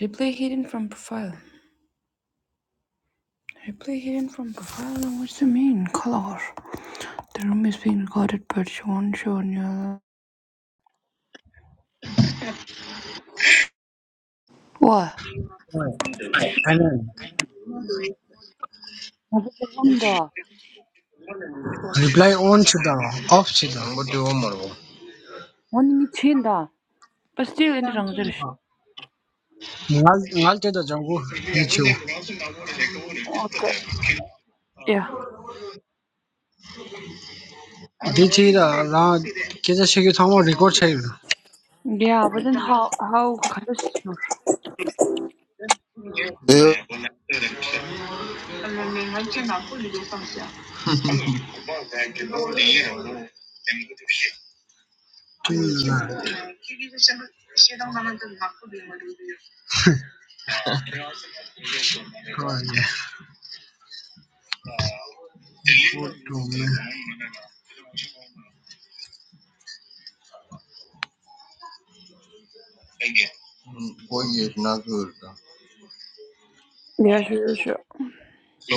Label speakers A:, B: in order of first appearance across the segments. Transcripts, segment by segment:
A: Replay hidden from profile. Replay hidden from profile? What's the mean? Color. The room is being recorded, but she won't show on your. What?
B: Annan
A: Motherfucker.
B: reply on shida, off shida. Budu umurwo.
A: Wanting it in da. But still in the wrong direction.
B: Ngal ngal te da jangu dichu.
A: Okay. Yeah.
B: Dichi da ra kesa shiki thamo record chahiye.
A: Yeah, but then how? How? kind of sure.
C: Yeah.
B: Hmm. Right. Good to me. Again. Mm, Four years not good. Uh,
A: Yeah, sure,
B: so
A: sure.
B: So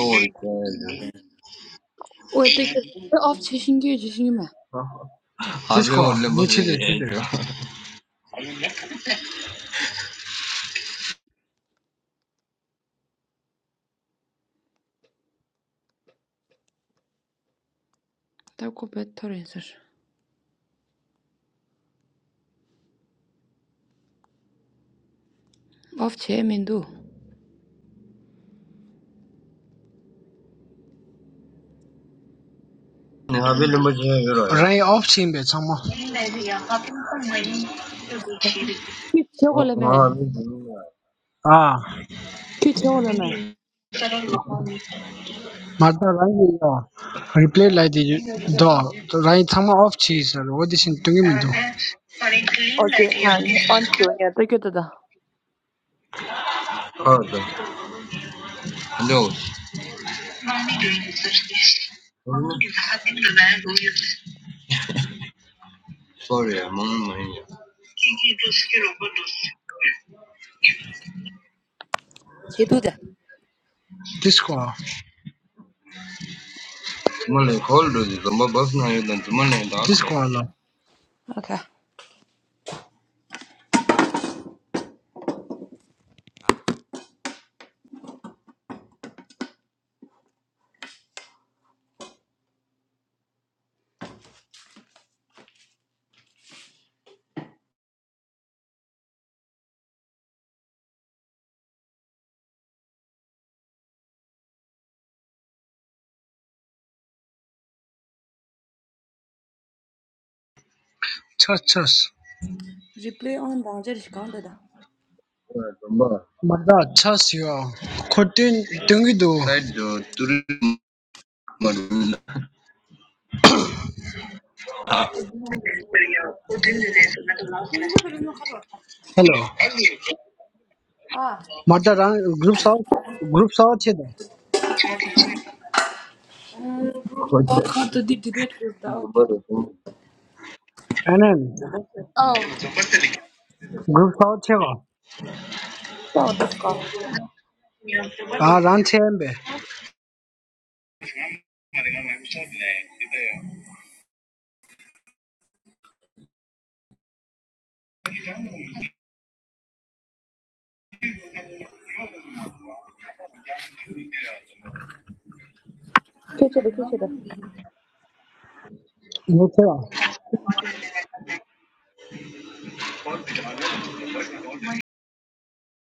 A: Wait, the
B: being bad.
A: off chasing you, chasing you, man.
B: त्यसको Habe वो lembaje छिले छिले yero.
A: That could be better answer. Off chasing me, do.
B: Habe lembaje ah. ya. राई अफ छिम बे छ म
A: Keep chasing me.
B: Habe lembaje.
A: Keep chasing me.
B: अँ, मात्र राई यो रिप्ले लगाइदियो द त राई छ म अफ छि सर वो दिसिन टुङ्गे मिदो
A: Okay, yeah, yeah, on to yeah. The it da.
B: Hada. Hello. Sorry, I'm on my ear.
A: She do that.
B: Disco, Mala hold on, Zumba Bafna, you don't disco la.
A: Okay.
B: Chas chas.
A: Replay on danger is gone da
B: Zumba. Mada chas yo. Kotin dungi do. Side to three Maduna. Hello. Elliot,
A: Ah.
B: Mada rang group sao group sao che da. Okay.
A: Walcott did debate with the author.
B: Anan.
A: Oh,
B: Group culture.
A: Oh, this guy.
B: Ah, Ranchembe.
A: Köşede köşede.
B: You too.